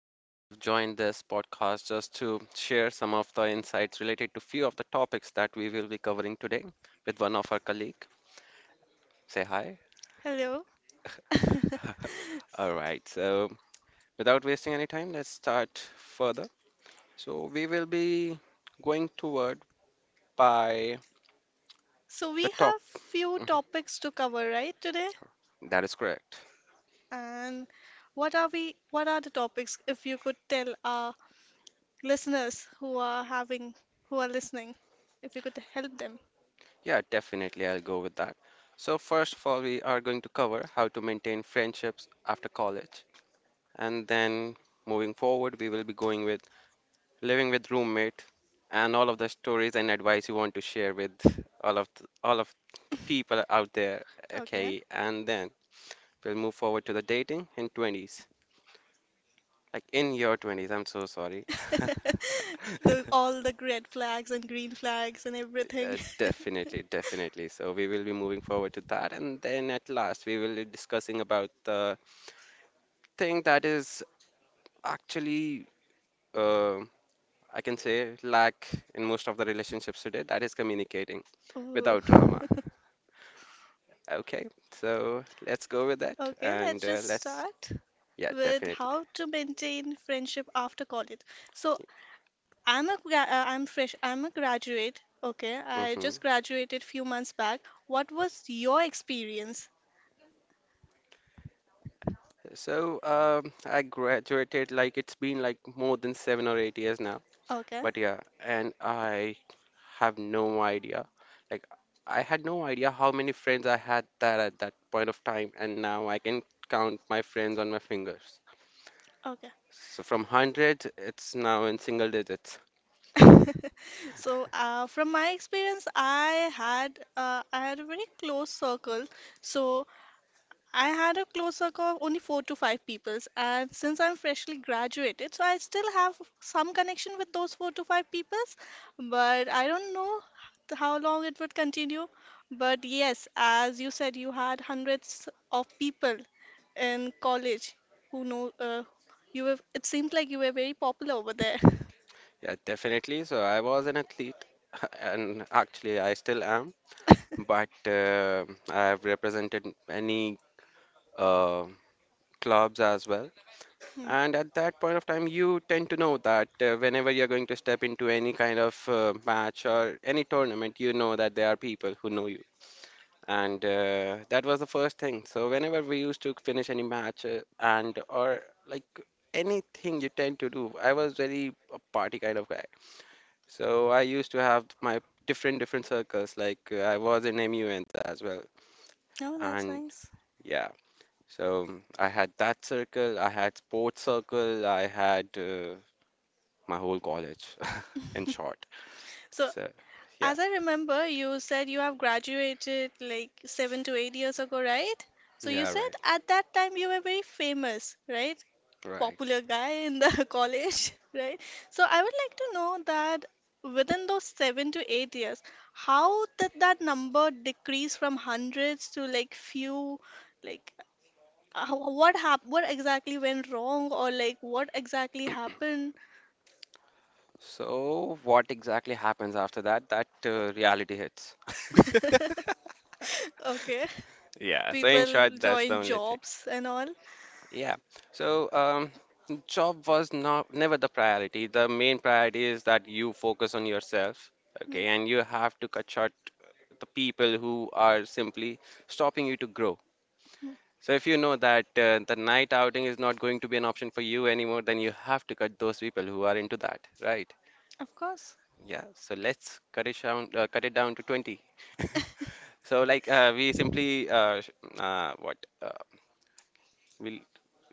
today we have joined this podcast just to share some of the insights related to few of the topics that we will be covering today with one of our colleague. Say hi. Hello. All right. So without wasting any time, let's start further. So we will be going toward by So the we top. have few Mhm, topics to cover, right, today? that is correct. And what are the topics if you could tell our listeners who are having who are listening, if you could help them. Yeah, definitely I'll go with that. So first of all, we are going to cover how to maintain friendships after college, and then moving forward, we will be going with living with roommate, and all of the stories and advice you want to share with all of the people out there. Okay. Okay, and then we'll move forward to the dating in 20s. Like in your 20s, I'm so sorry. The all the red flags and green flags and everything. Definitely, definitely. So we will be moving forward to that, and then at last we will be discussing about the thing that is actually, uh, I can say, lack in most of the relationships today. That is communicating Oh. without drama. Okay, so let's go with that Okay, and let's just start yeah, with definitely. how to maintain friendship after college. So I'm fresh. I'm a graduate. Okay, I Hmm. just graduated few months back. What was your experience? So I graduated like it's been like more than 7 or 8 years now, Okay, but yeah, and I have no idea. Like I had no idea how many friends I had that at that point of time, and now I can count my friends on my fingers. okay. So from hundreds, it's now in single digits. So from my experience, I had a very close circle. So I had a close circle of only four to five peoples, and since I'm freshly graduated, so I still have some connection with those four to five peoples, but I don't know how long it would continue. But yes, as you said, you had hundreds of people in college who know you were, it seems like you were very popular over there. Yeah, definitely. So I was an athlete, and actually I still am. But I have represented many uh, clubs as well. Hmm. And at that point of time, you tend to know that whenever you're going to step into any kind of match or any tournament, you know that there are people who know you. And that was the first thing. So whenever we used to finish any match and or like anything you tend to do, I was very a party kind of guy. So I used to have my different circles. Like I was in MUNs as well. Oh, that's And And nice. yeah. So I had that circle, I had sports circle, I had my whole college in short. So, So yeah, as I remember, you said you have graduated like 7 to 8 years ago, right? So, you yeah, said right, at that time you were very famous, right? right. Popular guy in the college, right? So I would like to know that within those 7 to 8 years, how did that number decrease from hundreds to like few? Like, what exactly went wrong, or like what exactly happened? So what exactly happens after that? That reality hits. Okay, Yeah, so in people short, that's the join only thing. jobs and all. Yeah. So, job was not never the priority. The main priority is that you focus on yourself, Mm, okay, and you have to cut short the people who are simply stopping you to grow. mm, So if you know that the night outing is not going to be an option for you anymore, then you have to cut those people who are into that, right? Of course. Yeah. So let's cut it down to 20. So like uh, what uh, we'll,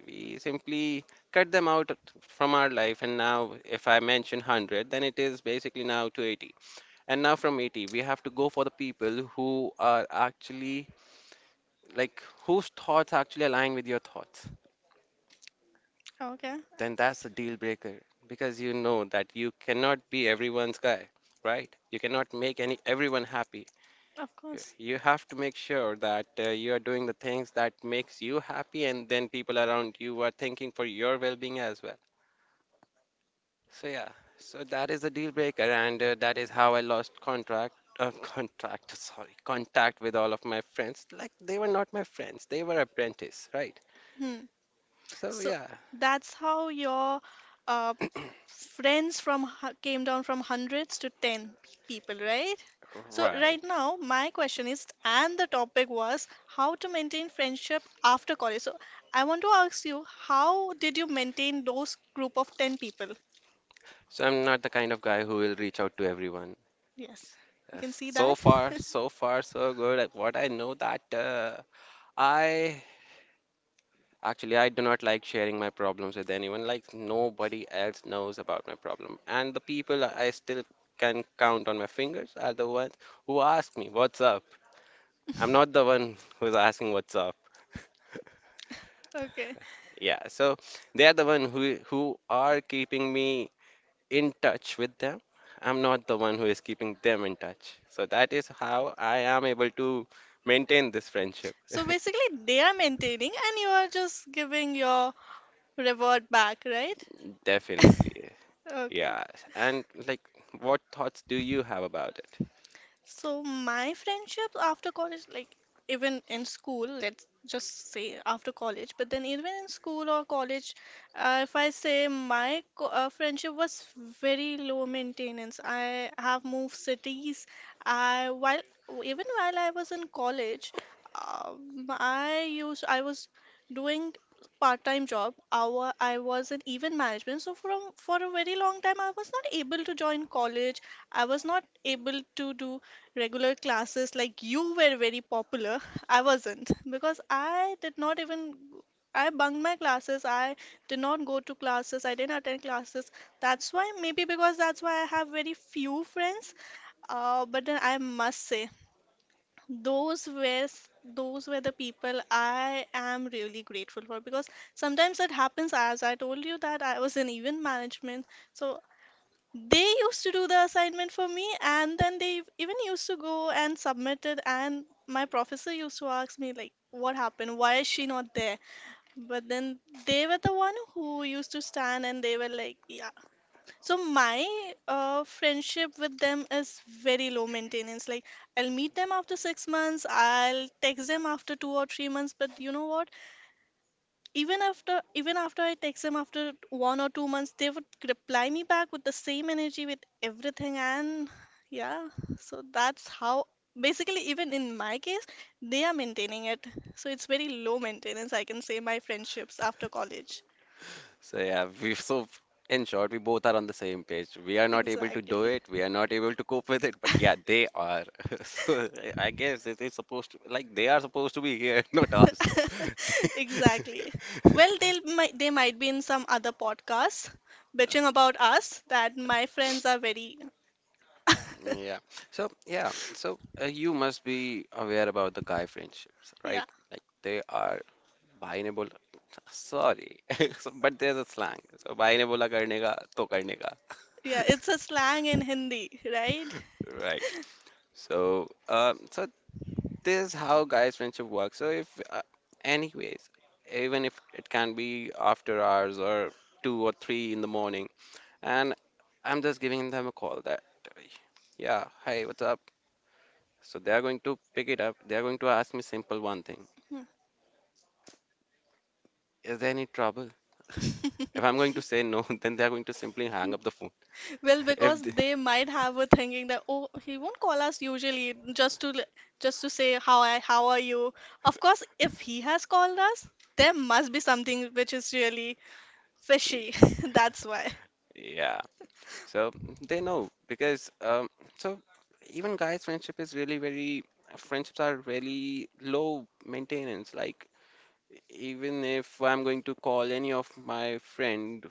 we simply cut them out from our life. And now if I mention 100, then it is basically now to 80. And now from 80, we have to go for the people who are actually, like, whose thoughts actually align with your thoughts, Okay, then that's a deal breaker because you know that you cannot be everyone's guy, right? You cannot make any everyone happy. of Y- course. You have to make sure that you are doing the things that makes you happy and then people around you are thinking for your well-being as well. So yeah, so that is a deal breaker and that is how I lost contract, contract, sorry, contact with all of my friends. Like they were not my friends, they were apprentice, right? Hmm. So So yeah, that's how your uh, friends came down from hundreds to 10 people, right? So right. right now my question is and the topic was how to maintain friendship after college. So I want to ask you how did you maintain those group of 10 people? So I'm not the kind of guy who will reach out to everyone. Yes. You Uh, can see So that? far, so far, so good. Like what I know that I actually I do not like sharing my problems with anyone. Like nobody else knows about my problem, and the people I still can count on my fingers are the ones who ask me what's up. I'm not the one who's asking what's up. Okay. Yeah, so they are the one who are keeping me in touch with them. I'm not the one who is keeping them in touch. So that is how I am able to maintain this friendship. So basically they are maintaining and you are just giving your reward back, right? Definitely. Okay. Yeah. And like, what thoughts do you have about it? So my friendships after college, like even in school, let's just say after college, but then even in school or college, if I say my co friendship was very low maintenance. I have moved cities. I while Even while I was in college, I was doing part-time job. Our I was in event management, so from for a very long time I was not able to join college. I was not able to do regular classes like you were very popular. I wasn't because I did not even, I bunked my classes, I did not go to classes, I didn't attend classes. That's why maybe, because that's why I have very few friends. But then I must say those were those were the people I am really grateful for, because sometimes it happens, as I told you, that I was in event management, so they used to do the assignment for me, and then they even used to go and submit it, and my professor used to ask me like, what happened, why is she not there? But then they were the one who used to stand, and they were like, yeah. So my friendship with them is very low maintenance. Like, I'll meet them after 6 months, I'll text them after 2 or 3 months, but you know what, even after I text them after 1 or 2 months, they would reply me back with the same energy, with everything. And yeah, so that's how, basically, even in my case, they are maintaining it. So it's very low maintenance, I can say, my friendships after college. So yeah, we so in short, we both are on the same page. We are not able to do Exactly. it. We are not able to cope with it. But yeah, they are. So I guess it is supposed to, like, they are supposed to be here, not us. Exactly. Well, they'll might, they might be in some other podcasts bitching about us that my friends are very Yeah. So yeah. So you must be aware about the guy friendships, right? yeah. Like they are binable sorry but there is a slang so भाई ने बोला करने का तो करने का Yeah, it's a slang in Hindi, right. Right. So, so, this is how guys' friendship works. So, if, uh, anyways, even if it can be after hours or two or three in the morning, and I'm just giving them a call that, yeah, hi, what's up? So they are going to pick it up. They are going to ask me simple one thing. Is there any trouble? If I'm going to say no, then they are going to simply hang up the phone. Well, If because they, they might have a thinking that, oh, he won't call us usually just to just to say how I how are you. Of course, if he has called us, there must be something which is really Y- fishy. That's why. Yeah. So they know because so even guys friendship is really very friendships are really low maintenance. Like even if I'm going to call any of my friend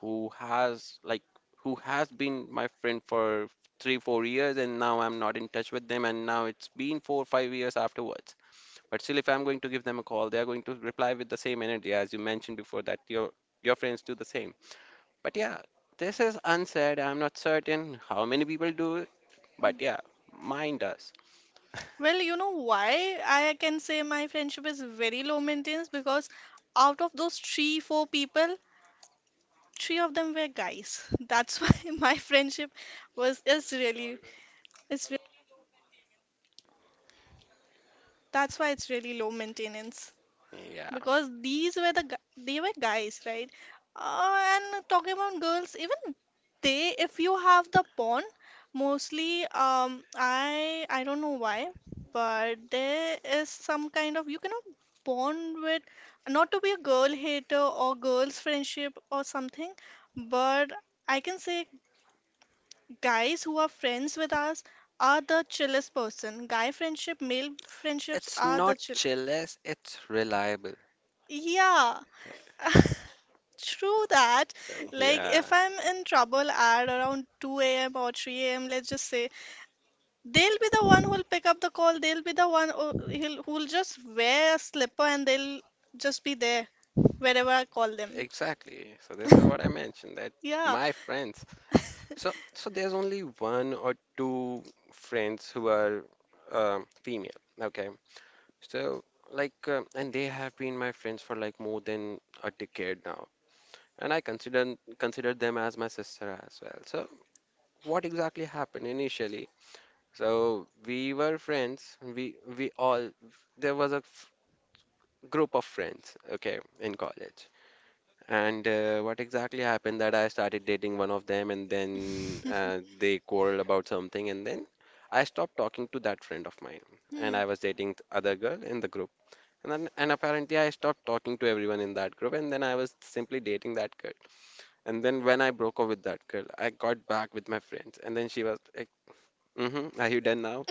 who has like who has been my friend for 3-4 years and now I'm not in touch with them and now it's been 4-5 years afterwards, but still if I'm going to give them a call they are going to reply with the same energy as you mentioned before, that your friends do the same. But yeah, this is unsaid. I'm not certain how many people do it, but yeah, mine does. Well, you know why I can say my friendship is very low maintenance, because out of those 3 4 people, three of them were guys. That's why my friendship was is really is re- that's why it's really low maintenance. Yeah. Because these were they were guys, right? And talking about girls, even they, if you have the porn, mostly I don't know why, but there is some kind of, you cannot bond with, not to be a girl hater or girls friendship or something, but I can say guys who are friends with us are the chillest person. Guy friendship, male friendships It's are not the chill. jealous, it's reliable. Yeah. True that. Like, Yeah, if I'm in trouble at around 2 a.m. or 3 a.m., let's just say, they'll be the one who'll pick up the call. They'll be the one who'll just wear a slipper, and they'll just be there wherever I call them. exactly. So this is what I mentioned, that Yeah. my friends. So there's only one or two friends who are female. Okay. So, like, and they have been my friends for like more than a decade now. And I consider them as my sister as well. So what exactly happened initially? So we were friends. We all there was a group of friends, okay, in college. And what exactly happened that I started dating one of them, and then they quarreled about something, and then I stopped talking to that friend of mine, and Hmm. I was dating the other girl in the group. And then, and apparently I stopped talking to everyone in that group, and then I was simply dating that girl. And then when I broke up with that girl, I got back with my friends, and then she was like, "Mm-hmm. Are you done now?"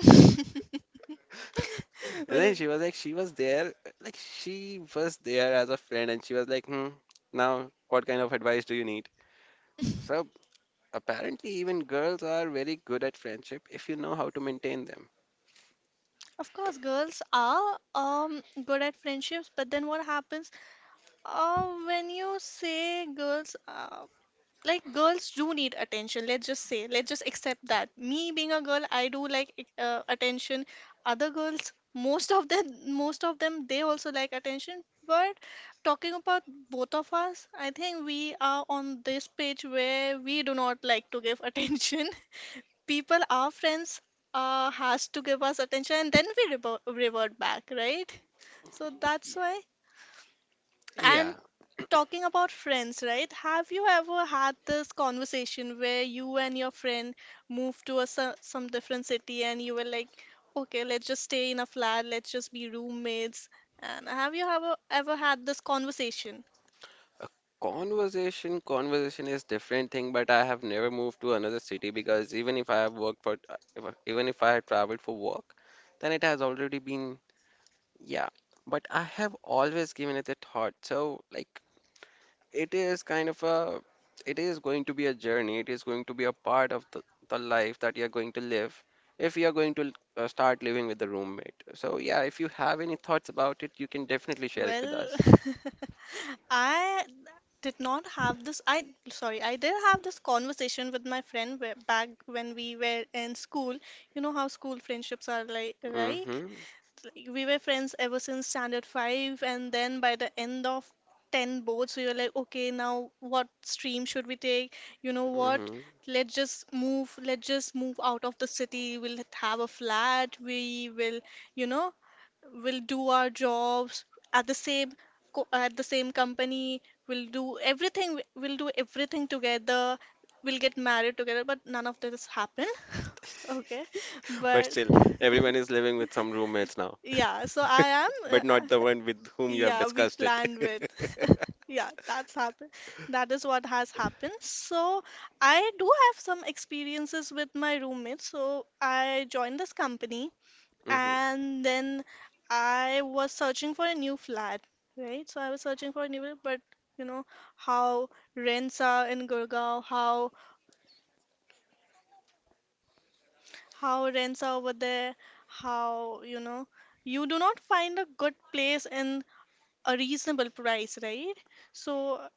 And then Well, she was like, she was there, like she was there as a friend, and she was like, hmm, now what kind of advice do you need? So apparently, even girls are very good at friendship if you know how to maintain them. of course, girls are good at friendships, but then what happens? When you say girls like girls do need attention, let's just say, let's just accept that me being a girl, I do like attention. Other girls, most of them, most of them, they also like attention. But talking about both of us, I think we are on this page where we do not like to give attention people, our friends has to give us attention, and then we revert back, right? So that's why. Yeah, And talking about friends, right? Have you ever had this conversation where you and your friend moved to a, some different city, and you were like, okay, let's just stay in a flat, let's just be roommates? And have you ever, ever had this conversation? a conversation is different thing, but I have never moved to another city because even if I have worked for, if, I- even if I have traveled for work, then it has already been, yeah. But I have always given it a thought. So, like, it is kind of a it is going to be a journey, it is going to be a part of the life that you're going to live if you're going to start living with the roommate. So yeah, if you have any thoughts about it you can definitely share it with Well, us. I did not have this. I sorry, I did have this conversation with my friend back when we were in school. You know how school friendships are like, right? Mm-hmm, Like, we were friends ever since standard 5, and then by the end of 10 boards, we were like, okay, now what stream should we take, you know what, mm-hmm. Let's just move out of the city, we'll have a flat, we will, you know, we'll do our jobs at the same at the same company, we'll do everything together, we'll get married together, but none of this happened. Okay, But but still, everyone is living with some roommates now. yeah, so I am. uh, But uh, not the one with whom you have yeah, we discussed it. planned with. Yeah, that's happened. That is what has happened. So I do have some experiences with my roommates. So I joined this company, Mm-hmm. and then I was searching for a new flat, right? So I was searching for a new flat, but you know how rents are in Gurgaon, how rents are over there, how, you know, you do not find a good place in a reasonable price, right? So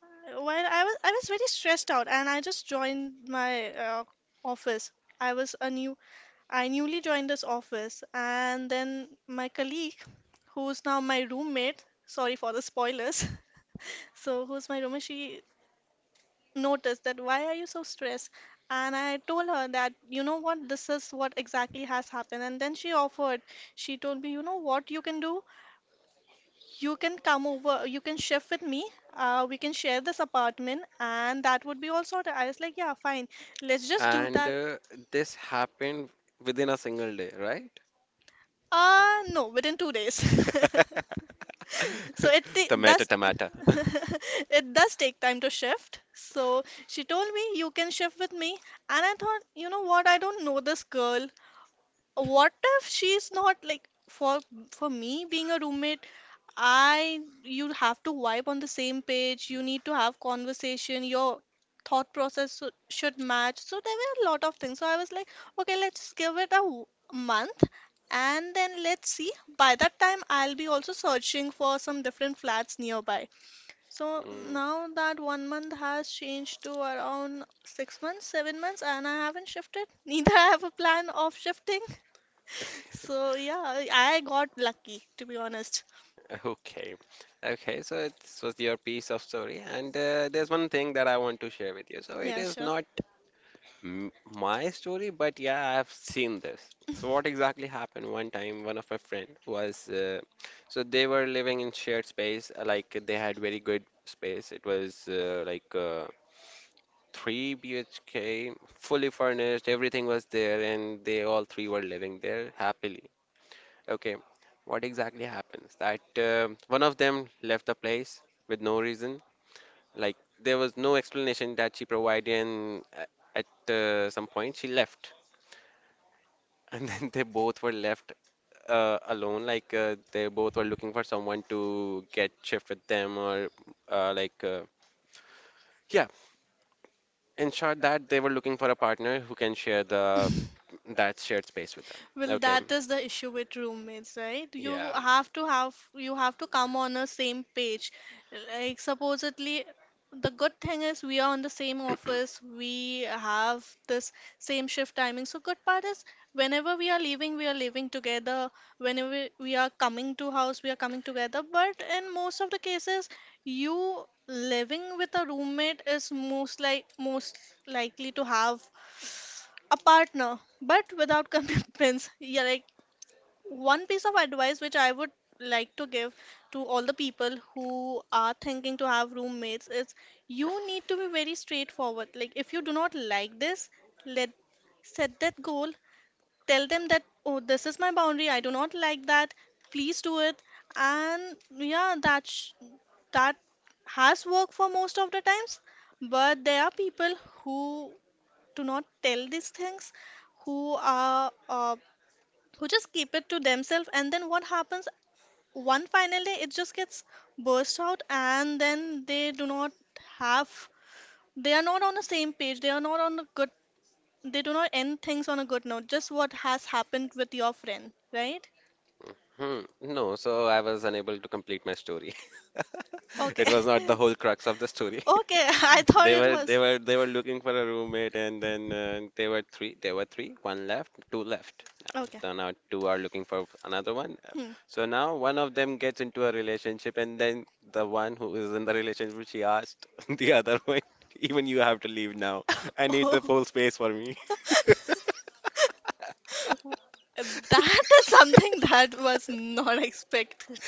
while I was very stressed out, and I just joined my office. I was a new, I newly joined this office, and then my colleague, who's now my roommate, sorry for the spoilers, so who's my roommate, she noticed that, why are you so stressed? And I told her that, you know what, this is what exactly has happened, and then she offered. She told me, you know what you can do, you can come over, you can shift with me. We can share this apartment, and that would be all sorted. I was like, yeah, fine. Let's just do And that. This happened within a single day, right? No, within 2 days. So it Tomato, does tomato. it does take time to shift. So she told me you can shift with me, and I thought, you know what? I don't know this girl. What if she's not like for me being a roommate. I, you have to vibe on the same page, you need to have conversation, your thought process should match, so there were a lot of things, so I was like, okay, let's give it a month, and then let's see. By that time I'll be also searching for some different flats nearby. So Mm, now that 1 month has changed to around 6 months, 7 months, and I haven't shifted neither I have a plan of shifting. So yeah, I got lucky, to be honest. okay. Okay, so this was your piece of story. And there's one thing that I want to share with you. So it Yeah, is sure. not m my story, but yeah, I've seen this. So what exactly happened one time, one of my friend so they were living in shared space, like they had very good space. It was like 3 BHK, fully furnished, everything was there, and they all three were living there happily. Okay, what exactly happens? That one of them left the place with no reason. Like there was no explanation that she provided, and at some point she left, and then they both were left alone. Like they both were looking for someone to get shift with them, or uh, like uh, yeah. In short, that they were looking for a partner who can share the that shared space with them. Well, Okay. that is the issue with roommates, right? Yeah. You have to come on a same page. Like, supposedly, the good thing is we are on the same office. We have this same shift timing. So good part is whenever we are leaving together. Whenever we are coming to house, we are coming together. But in most of the cases, you living with a roommate is most likely to have a partner but without commitments. Yeah, like one piece of advice which I would like to give to all the people who are thinking to have roommates is you need to be very straightforward. Like, if you do not like this, let set that goal, tell them that, oh, this is my boundary, I do not like that, please do it. And yeah, that has worked for most of the times, but there are people who do not tell these things who are who just keep it to themselves, and then what happens, one finally it just gets burst out, and then they do not have, they are not on the same page, they are not on a good, they do not end things on a good note, just what has happened with your friend, right? Hmm. No, so I was unable to complete my story. It Okay. was not the whole crux of the story. Okay, I So thought they it were was they were they were looking for a roommate and then they were three there were three, one left, two left. okay. So now two are looking for another one. Hmm. So now one of them gets into a relationship and then the one who is in the relationship she asked the other one, even you have to leave now. I need the full space for me. That is something that was not expected.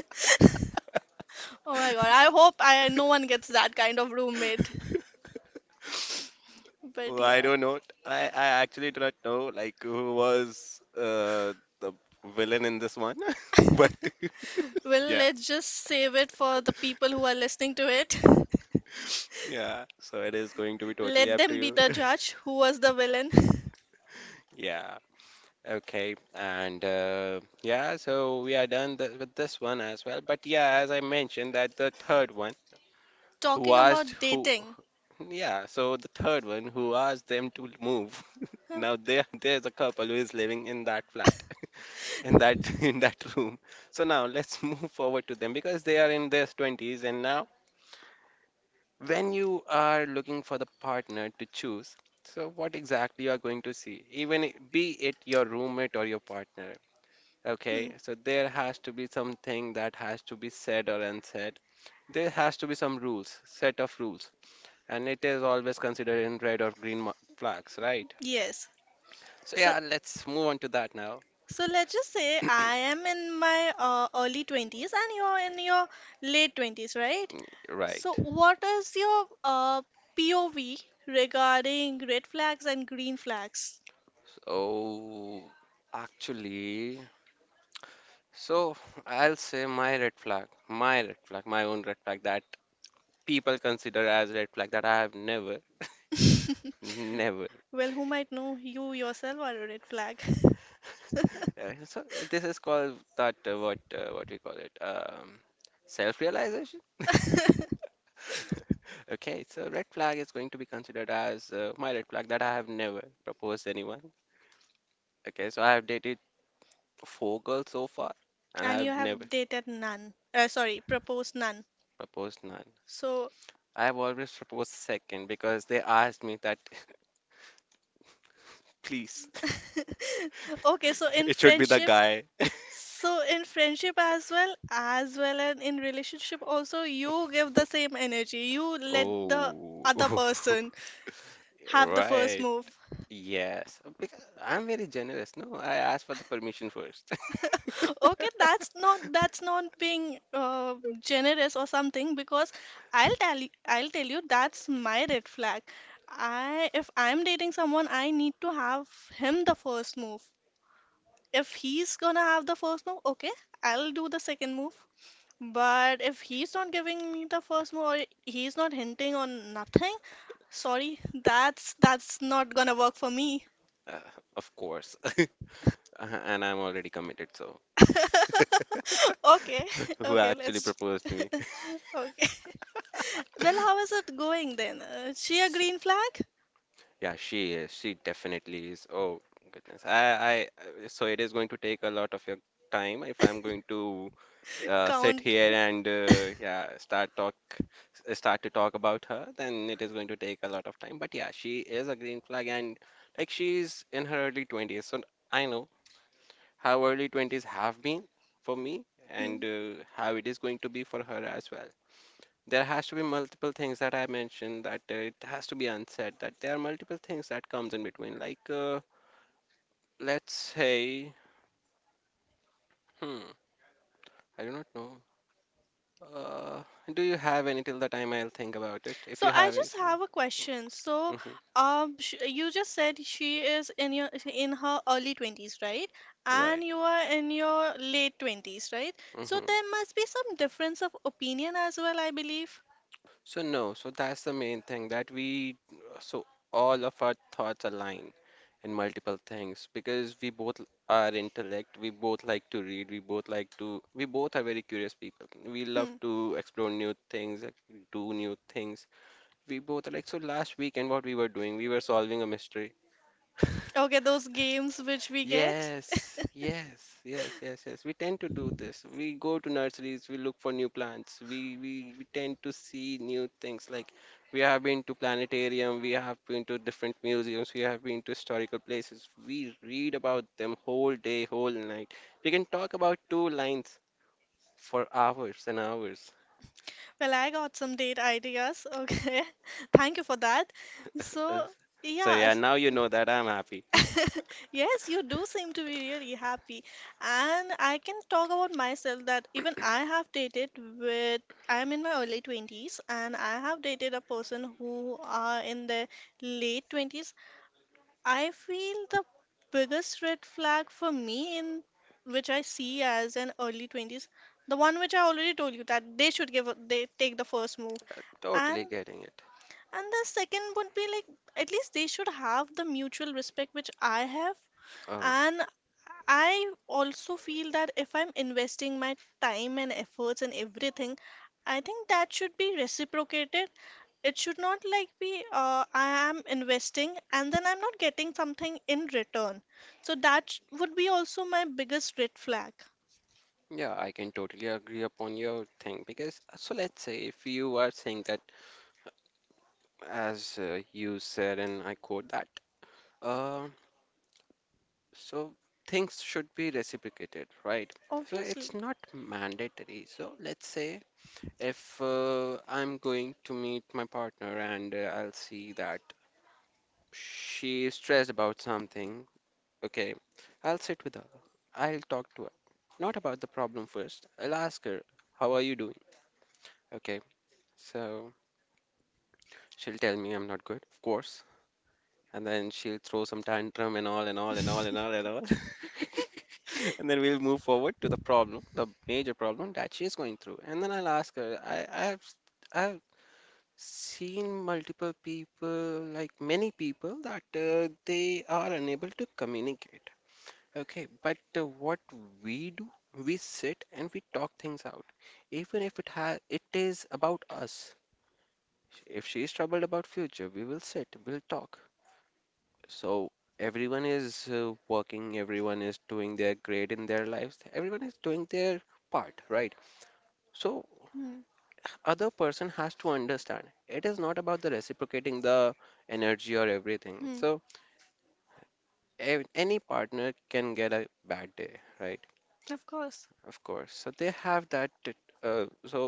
Oh my god, I hope I no one gets that kind of roommate. But Well, I yeah. don't know. I actually do not know like who was the villain in this one, but Well, yeah, let's just save it for the people who are listening to it. yeah. So it is going to be totally Let up to them be you. the judge who was the villain. Yeah. Okay. And yeah, so we are done th with this one as well. But yeah, as I mentioned, that the third one who Talking asked about who. dating. Yeah, so the third one who asked them to move. Huh? Now there's a couple who is living in that flat. In that in that room. So now let's move forward to them because they are in their 20s and now when you are looking for the partner to choose, so what exactly you are going to see, even be it your roommate or your partner. Okay, Hmm. so there has to be something that has to be said or unsaid. There has to be set of rules, and it is always considered in red or green flags, right? Yes. So So yeah, let's move on to that now. Let's just say I am in my early 20s and you're in your late 20s, right? Right. So what is your POV regarding red flags and green flags? So, actually, so I'll say my own red flag that people consider as red flag that I have never, never. Well, who might know you yourself are a red flag? So this is called that what we call it self-realization. Okay, so red flag is going to be considered as my red flag that I have never proposed anyone. Okay, so I have dated four girls so far, and I And you have never have dated none. Sorry, proposed none. proposed none. So, I've always proposed second because they asked me that, please, okay, it should be the guy. so in friendship as well and in relationship also, you give the same energy. You let the Oh, other person have the first right. move. Yes. Because I'm very generous. No, I asked for the permission first. Okay, that's not being generous or something, because I'll tell you, that's my red flag. I If I'm dating someone, I need to have him the first move. If he's gonna have the first move, okay, I'll do the second move. But if he's not giving me the first move or he's not hinting on nothing, sorry, that's not gonna work for me. Uh, of course. And I'm already committed, so Okay, who okay, actually let's, proposed me? okay. Well, how is it going then? She a So- green flag? Yeah, she is. She definitely is. Oh goodness. So it is going to take a lot of your time if I'm going to sit Count. here and yeah start to talk about her then it is going to take a lot of time but yeah she is a green flag and like she's in her early 20s so I know how early 20s have been for me Hmm. and how it is going to be for her as well. There has to be multiple things that I mentioned that it has to be unsaid that there are multiple things that comes in between like let's say hmm I do not know. Uh, do you have any till the time I'll think about it? If So you I have just anything. have a question. So, Mm-hmm. Sh you just said she is in your in her early 20s, right? And Right. you are in your late 20s, right? So Mm-hmm. there must be some difference of opinion as well, I believe. So no, so that's the main thing that we, so all of our thoughts align in multiple things because we both are intellect, we both like to read, we both are very curious people. We love Hmm. to explore new things, like, do new things. We both are like, so last weekend what we were doing, we were solving a mystery. Okay, those games which we get. Yes, yes, yes, yes, yes. We tend to do this. We go to nurseries, we look for new plants. We tend to see new things. Like we have been to planetarium, we have been to different museums, we have been to historical places. We read about them whole day, whole night. We can talk about two lines for hours and hours. Well, I got some date ideas. Okay. Thank you for that. So, So yeah. yeah, now you know that I'm happy. Yes, you do seem to be really happy. And I can talk about myself that even I have dated with, I'm in my early 20s, and I have dated a person who are in their late 20s. I feel the biggest red flag for me in which I see as an early 20s, the one which I already told you that they should give, they take the first move. And Totally getting it. and the second would be like at least they should have the mutual respect which I have, Oh. and I also feel that if I'm investing my time and efforts and everything, I think that should be reciprocated. It should not like be I am investing and then I'm not getting something in return. So would be also my biggest red flag. Yeah, I can totally agree upon your thing because so let's say if you are saying that as you said and I quote that uh, so things should be reciprocated, right? So Obviously. it's not mandatory. So let's say if I'm going to meet my partner and I'll see that she is stressed about something, okay, I'll sit with her. I'll talk to her. Not about the problem first. I'll ask her, how are you doing? Okay. So she'll tell me I'm not good, of course, and then she'll throw some tantrum and all and all and all and all and all. And then we'll move forward to the problem, the major problem that she's going through. And then I'll ask her, I've seen multiple people, like many people, that they are unable to communicate. Okay, but what we do, we sit and we talk things out, even if it has it is about us. If she is troubled about future, we will sit, we'll talk. So everyone is working, everyone is doing their great in their lives, everyone is doing their part, right? So Hmm. other person has to understand it is not about the reciprocating the energy or everything. Hmm. So any partner can get a bad day, right? Of course. Of course. So they have that. Uh, so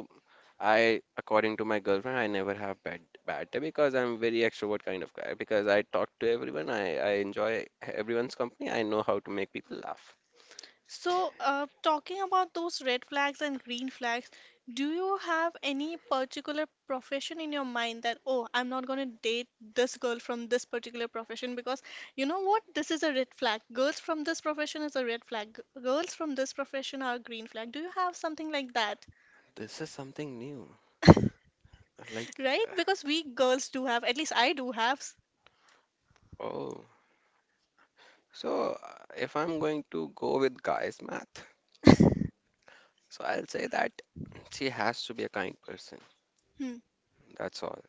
I, according to my girlfriend, I never have bad day because I'm very extrovert kind of guy. Because I talk to everyone, I enjoy everyone's company. I know how to make people laugh. So, talking about those red flags and green flags, do you have any particular profession in your mind that, oh, I'm not going to date this girl from this particular profession because you know what? This is a red flag. Girls from this profession is a red flag. G- girls from this profession are a green flag. Do you have something like that? This is something new. Like, Right? Because we girls do have, at least I do have. S- oh, so if I'm going to go with guys' math, so I'll say that she has to be a kind person. hmm. That's all.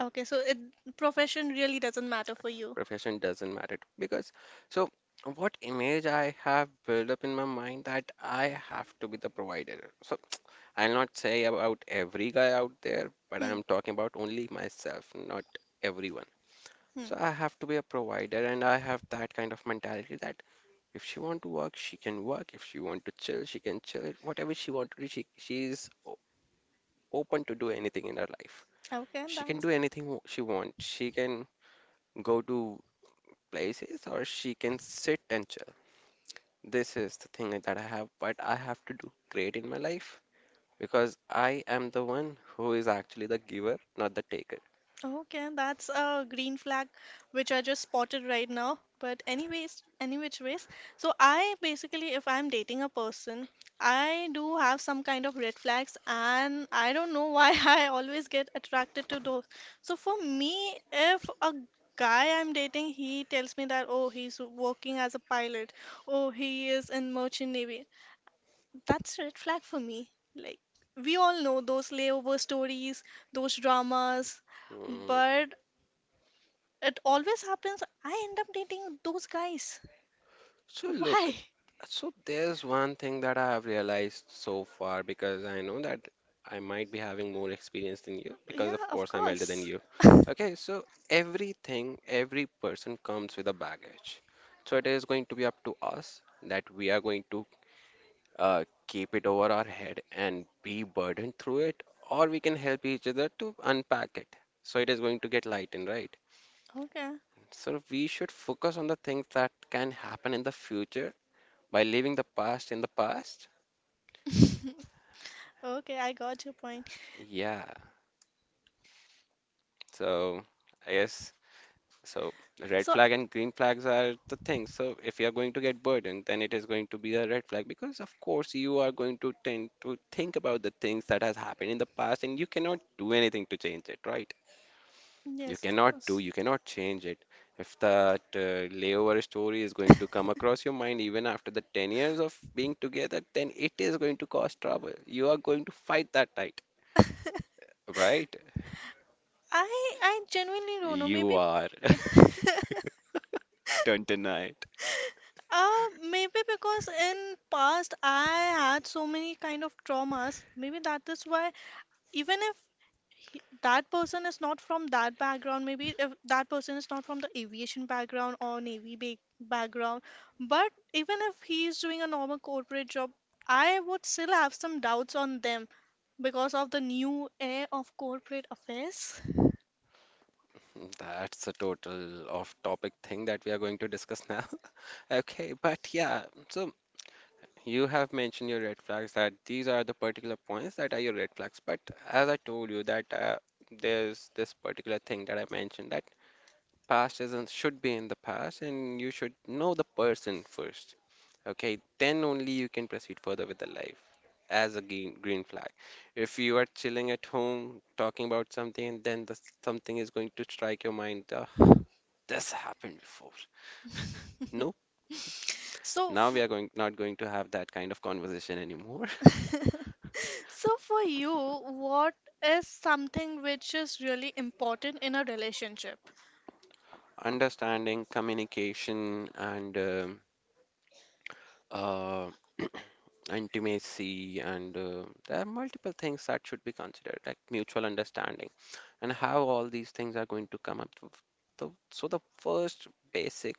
Okay, so profession really doesn't matter for you. Profession doesn't matter because so what image I have built up in my mind that I have to be the provider. So I'll not say about every guy out there, but Hmm. I'm talking about only myself, not everyone. Hmm. So I have to be a provider and I have that kind of mentality that if she want to work, she can work. If she want to chill, she can chill. Whatever she want to do, she's open to do anything in her life. Okay, She can that's do anything she wants. She can go to places or she can sit and chill. This is the thing that I have, but I have to do great in my life because I am the one who is actually the giver, not the taker. okay. That's a green flag which I just spotted right now. But anyways, any which ways. So I basically, if I'm dating a person, I do have some kind of red flags, and I don't know why I always get attracted to those. So for me, if a guy I'm dating, he tells me that, oh, he's working as a pilot, oh, he is in merchant navy. That's a red flag for me. Like we all know those layover stories, those dramas, Hmm. but it always happens. I end up dating those guys. So look, Why? so there's one thing that I have realized so far because I know that I might be having more experience than you because Yeah, of of course I'm elder than course. you. Okay, so everything, every person comes with a baggage. So it is going to be up to us that we are going to keep it over our head and be burdened through it, or we can help each other to unpack it. So it is going to get lightened, right? Okay. So we should focus on the things that can happen in the future by leaving the past in the past. Okay, I got your point. Yeah, so I guess so. Red So, flag and green flags are the things. So if you are going to get burdened, then it is going to be a red flag because, of course, you are going to tend to think about the things that has happened in the past, and you cannot do anything to change it, right? Yes, of course. You cannot change it. If that layover story is going to come across your mind even after the 10 years of being together, then it is going to cause trouble. You are going to fight that fight, right? I I genuinely don't know. You Maybe are. Don't deny it. uh, maybe because in past I had so many kind of traumas. Maybe that is why even if he, that person is not from that background, maybe if that person is not from the aviation background or navy ba background, but even if he is doing a normal corporate job, I would still have some doubts on them because of the new air of corporate affairs. That's a total off-topic thing that we are going to discuss now. Okay, but yeah, so you have mentioned your red flags that these are the particular points that are your red flags. But as I told you that there's this particular thing that I mentioned that past isn't should be in the past and you should know the person first. Okay, then only you can proceed further with the life as a green flag. If you are chilling at home talking about something and then something is going to strike your mind, this happened before. No, So, now we are going not going to have that kind of conversation anymore. f- So, for you, what is something which is really important in a relationship? Understanding, communication, and uh, intimacy, and there are multiple things that should be considered, like mutual understanding and how all these things are going to come up. So the first basic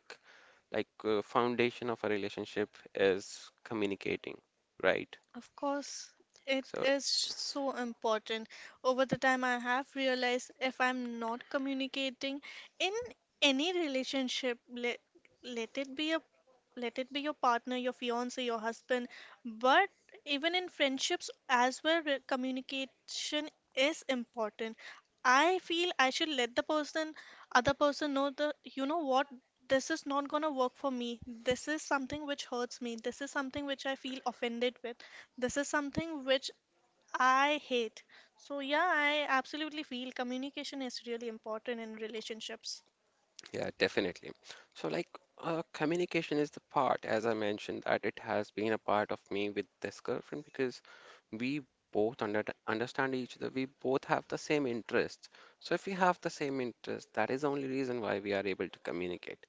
like foundation of a relationship is communicating, right? Of course, it So is so important. Over the time, I have realized if I'm not communicating in any relationship, let it be a, let it be your partner, your fiance, your husband. But even in friendships as well, re- communication is important. I feel I should let other person know that, you know what, this is not gonna work for me. This is something which hurts me. This is something which I feel offended with. This is something which I hate. So yeah, I absolutely feel communication is really important in relationships. yeah, definitely. So like communication is the part, as I mentioned, that it has been a part of me with this girlfriend because we both understand each other. We both have the same interests. So if we have the same interest, that is the only reason why we are able to communicate,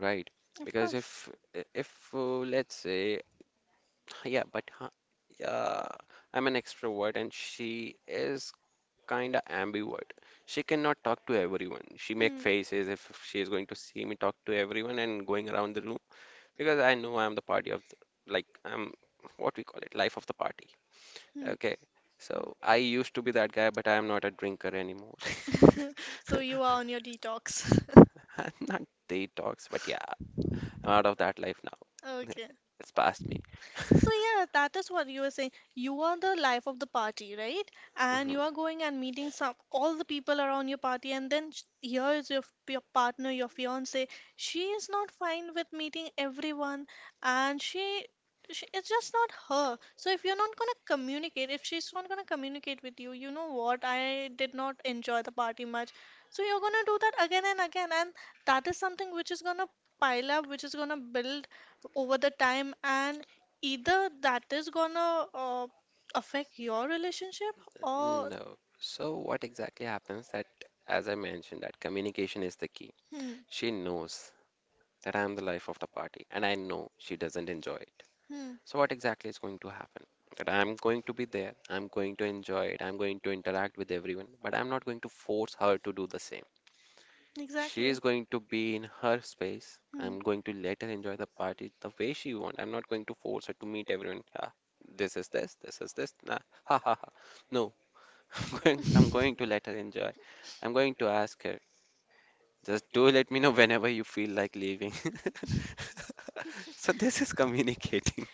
right? Of Because course. if let's say Yeah, but huh, uh, I'm an extrovert and she is kind of ambivert. She cannot talk to everyone. She make faces if she is going to see me talk to everyone and going around the room because I know I'm the party of the, like I'm what we call it, life of the party. Hmm. Okay. So I used to be that guy, but I am not a drinker anymore. So you are on your detox. I'm not detox, but yeah, I'm out of that life now. Okay. It's past me. So yeah, that is what you were saying. You are the life of the party, right? And you Mm-hmm. are going and meeting some all the people around your party, and then here is your partner, your fiance. She is not fine with meeting everyone, and she it's just not her. So if you're not gonna communicate, if she's not gonna communicate with you, you know what? I did not enjoy the party much. So you're gonna do that again and again, and that is something which is gonna pile up, which is gonna build over the time and either that is gonna affect your relationship or No. So what exactly happens that, as I mentioned, that communication is the key. hmm, She knows that I am the life of the party, and I know she doesn't enjoy it. hmm, So what exactly is going to happen? That I'm going to be there, I'm going to enjoy it, I'm going to interact with everyone, but I'm not going to force her to do the same. She exactly. is going to be in her space. Hmm. I'm going to let her enjoy the party the way she wants. I'm not going to force her to meet everyone. Ah, this is this, this is this. Nah, ha ha ha. No, I'm going to let her enjoy. I'm going to ask her. Just do let me know whenever you feel like leaving. So this is communicating.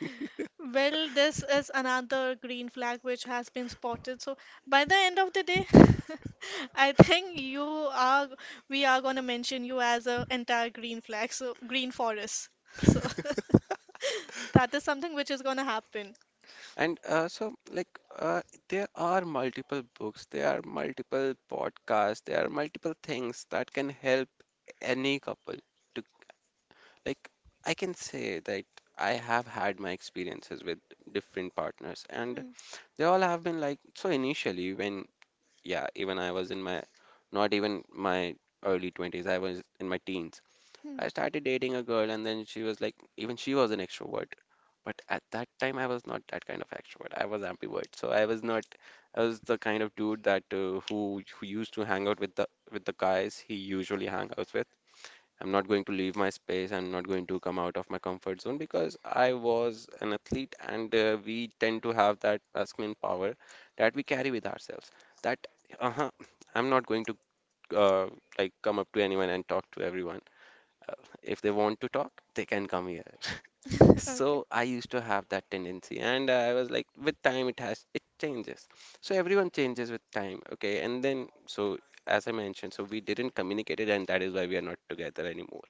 Well, this is another green flag which has been spotted. So by the end of the day, I think you are we are gonna mention you as a entire green flag, so green forest. So that is something which is gonna happen. And there are multiple books, there are multiple podcasts, there are multiple things that can help any couple to, like, I can say that I have had my experiences with different partners, and Hmm, they all have been like, so initially, when yeah, even I was in my, not even my early 20s, I was in my teens. hmm. I started dating a girl, and then she was like, even she was an extrovert. But at that time, I was not that kind of extrovert. I was ambivert, so I was not. I was the kind of dude that who used to hang out with the guys he usually hang out with, I'm not going to leave my space. I'm not going to come out of my comfort zone because I was an athlete and we tend to have that masculine power that we carry with ourselves. That, uh-huh, I'm not going to uh, like come up to anyone and talk to everyone. Uh, if they want to talk, they can come here. Okay. So I used to have that tendency, and I was like, with time, it has it changes. So everyone changes with time, okay? And then, so as I mentioned, so we didn't communicate it, and that is why we are not together anymore.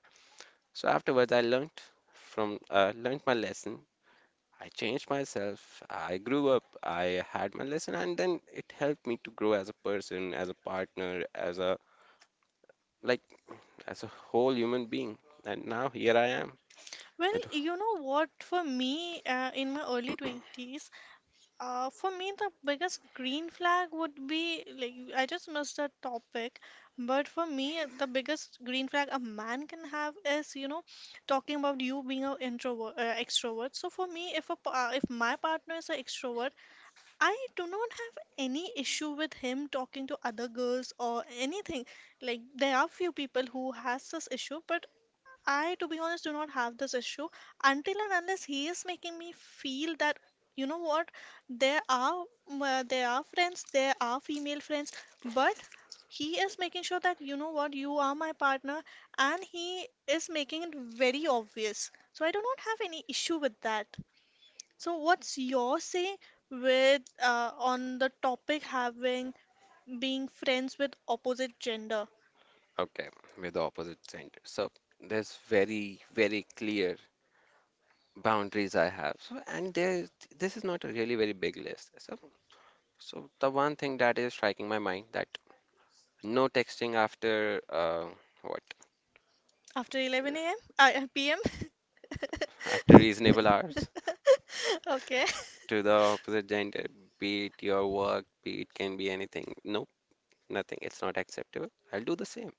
So afterwards, I learned from learned my lesson. I changed myself. I grew up. I had my lesson, and then it helped me to grow as a person, as a partner, as a like as a whole human being. And now here I am Well, with you know what? For me, in my early 20s, for me, the biggest green flag would be like I just missed that topic, but for me, the biggest green flag a man can have is, you know, talking about you being an introvert, extrovert. So for me, if if my partner is an extrovert, I do not have any issue with him talking to other girls or anything. Like there are few people who has this issue, but I, to be honest, do not have this issue until and unless he is making me feel that, you know what, there are there are friends, there are female friends, but he is making sure that, you know what, you are my partner, and he is making it very obvious. So I do not have any issue with that. So what's your say with on the topic having being friends with opposite gender okay with the opposite gender. So there's very very clear boundaries I have. So and there this is not a really very big list. So so the one thing that is striking my mind that no texting after what after 11 a.m. P.m. after reasonable hours Okay, to the opposite gender, be it your work, be it can be anything. Nope, nothing. It's not acceptable. I'll do the same.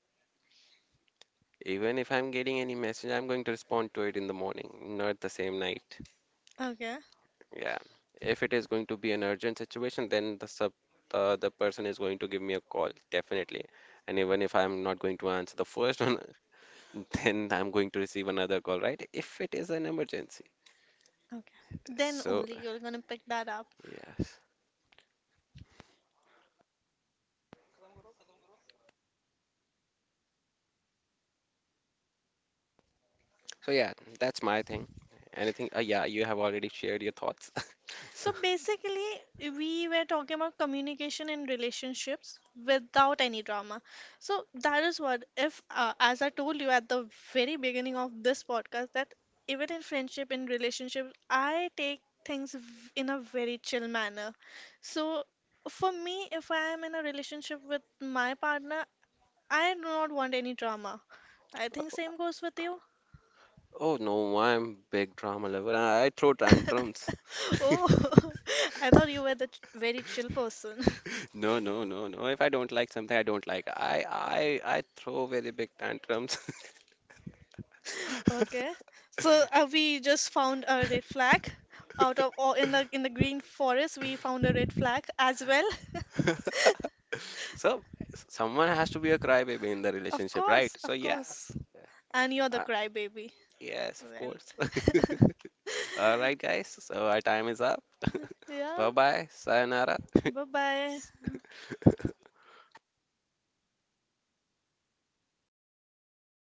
Even if I'm getting any message, I'm going to respond to it in the morning, not the same night. okay, Yeah. If it is going to be an urgent situation, then the person is going to give me a call, definitely. And even if I'm not going to answer the first one, then I'm going to receive another call, right? If it is an emergency. okay. Then So, only you're gonna pick that up. yes. So yeah, that's my thing. Anything? Yeah, you have already shared your thoughts. So, So basically, we were talking about communication in relationships without any drama. So that is what, if, as I told you at the very beginning of this podcast, that even in friendship, in relationships, I take things v- in a very chill manner. So for me, if I am in a relationship with my partner, I do not want any drama. I think same goes with you. oh no, I'm big drama lover. I throw tantrums. Oh, I thought you were the ch- very chill person. No, no, no, no. If I don't like something, I don't like. I throw very big tantrums. Okay. So we just found a red flag out of all in the green forest. We found a red flag as well. So someone has to be a crybaby in the Of relationship, right? course, So of yeah, course. And you're the uh, crybaby. yes, of Well. course. All right, guys. So our time is up. Bye Yeah. bye. Sayonara. Bye bye.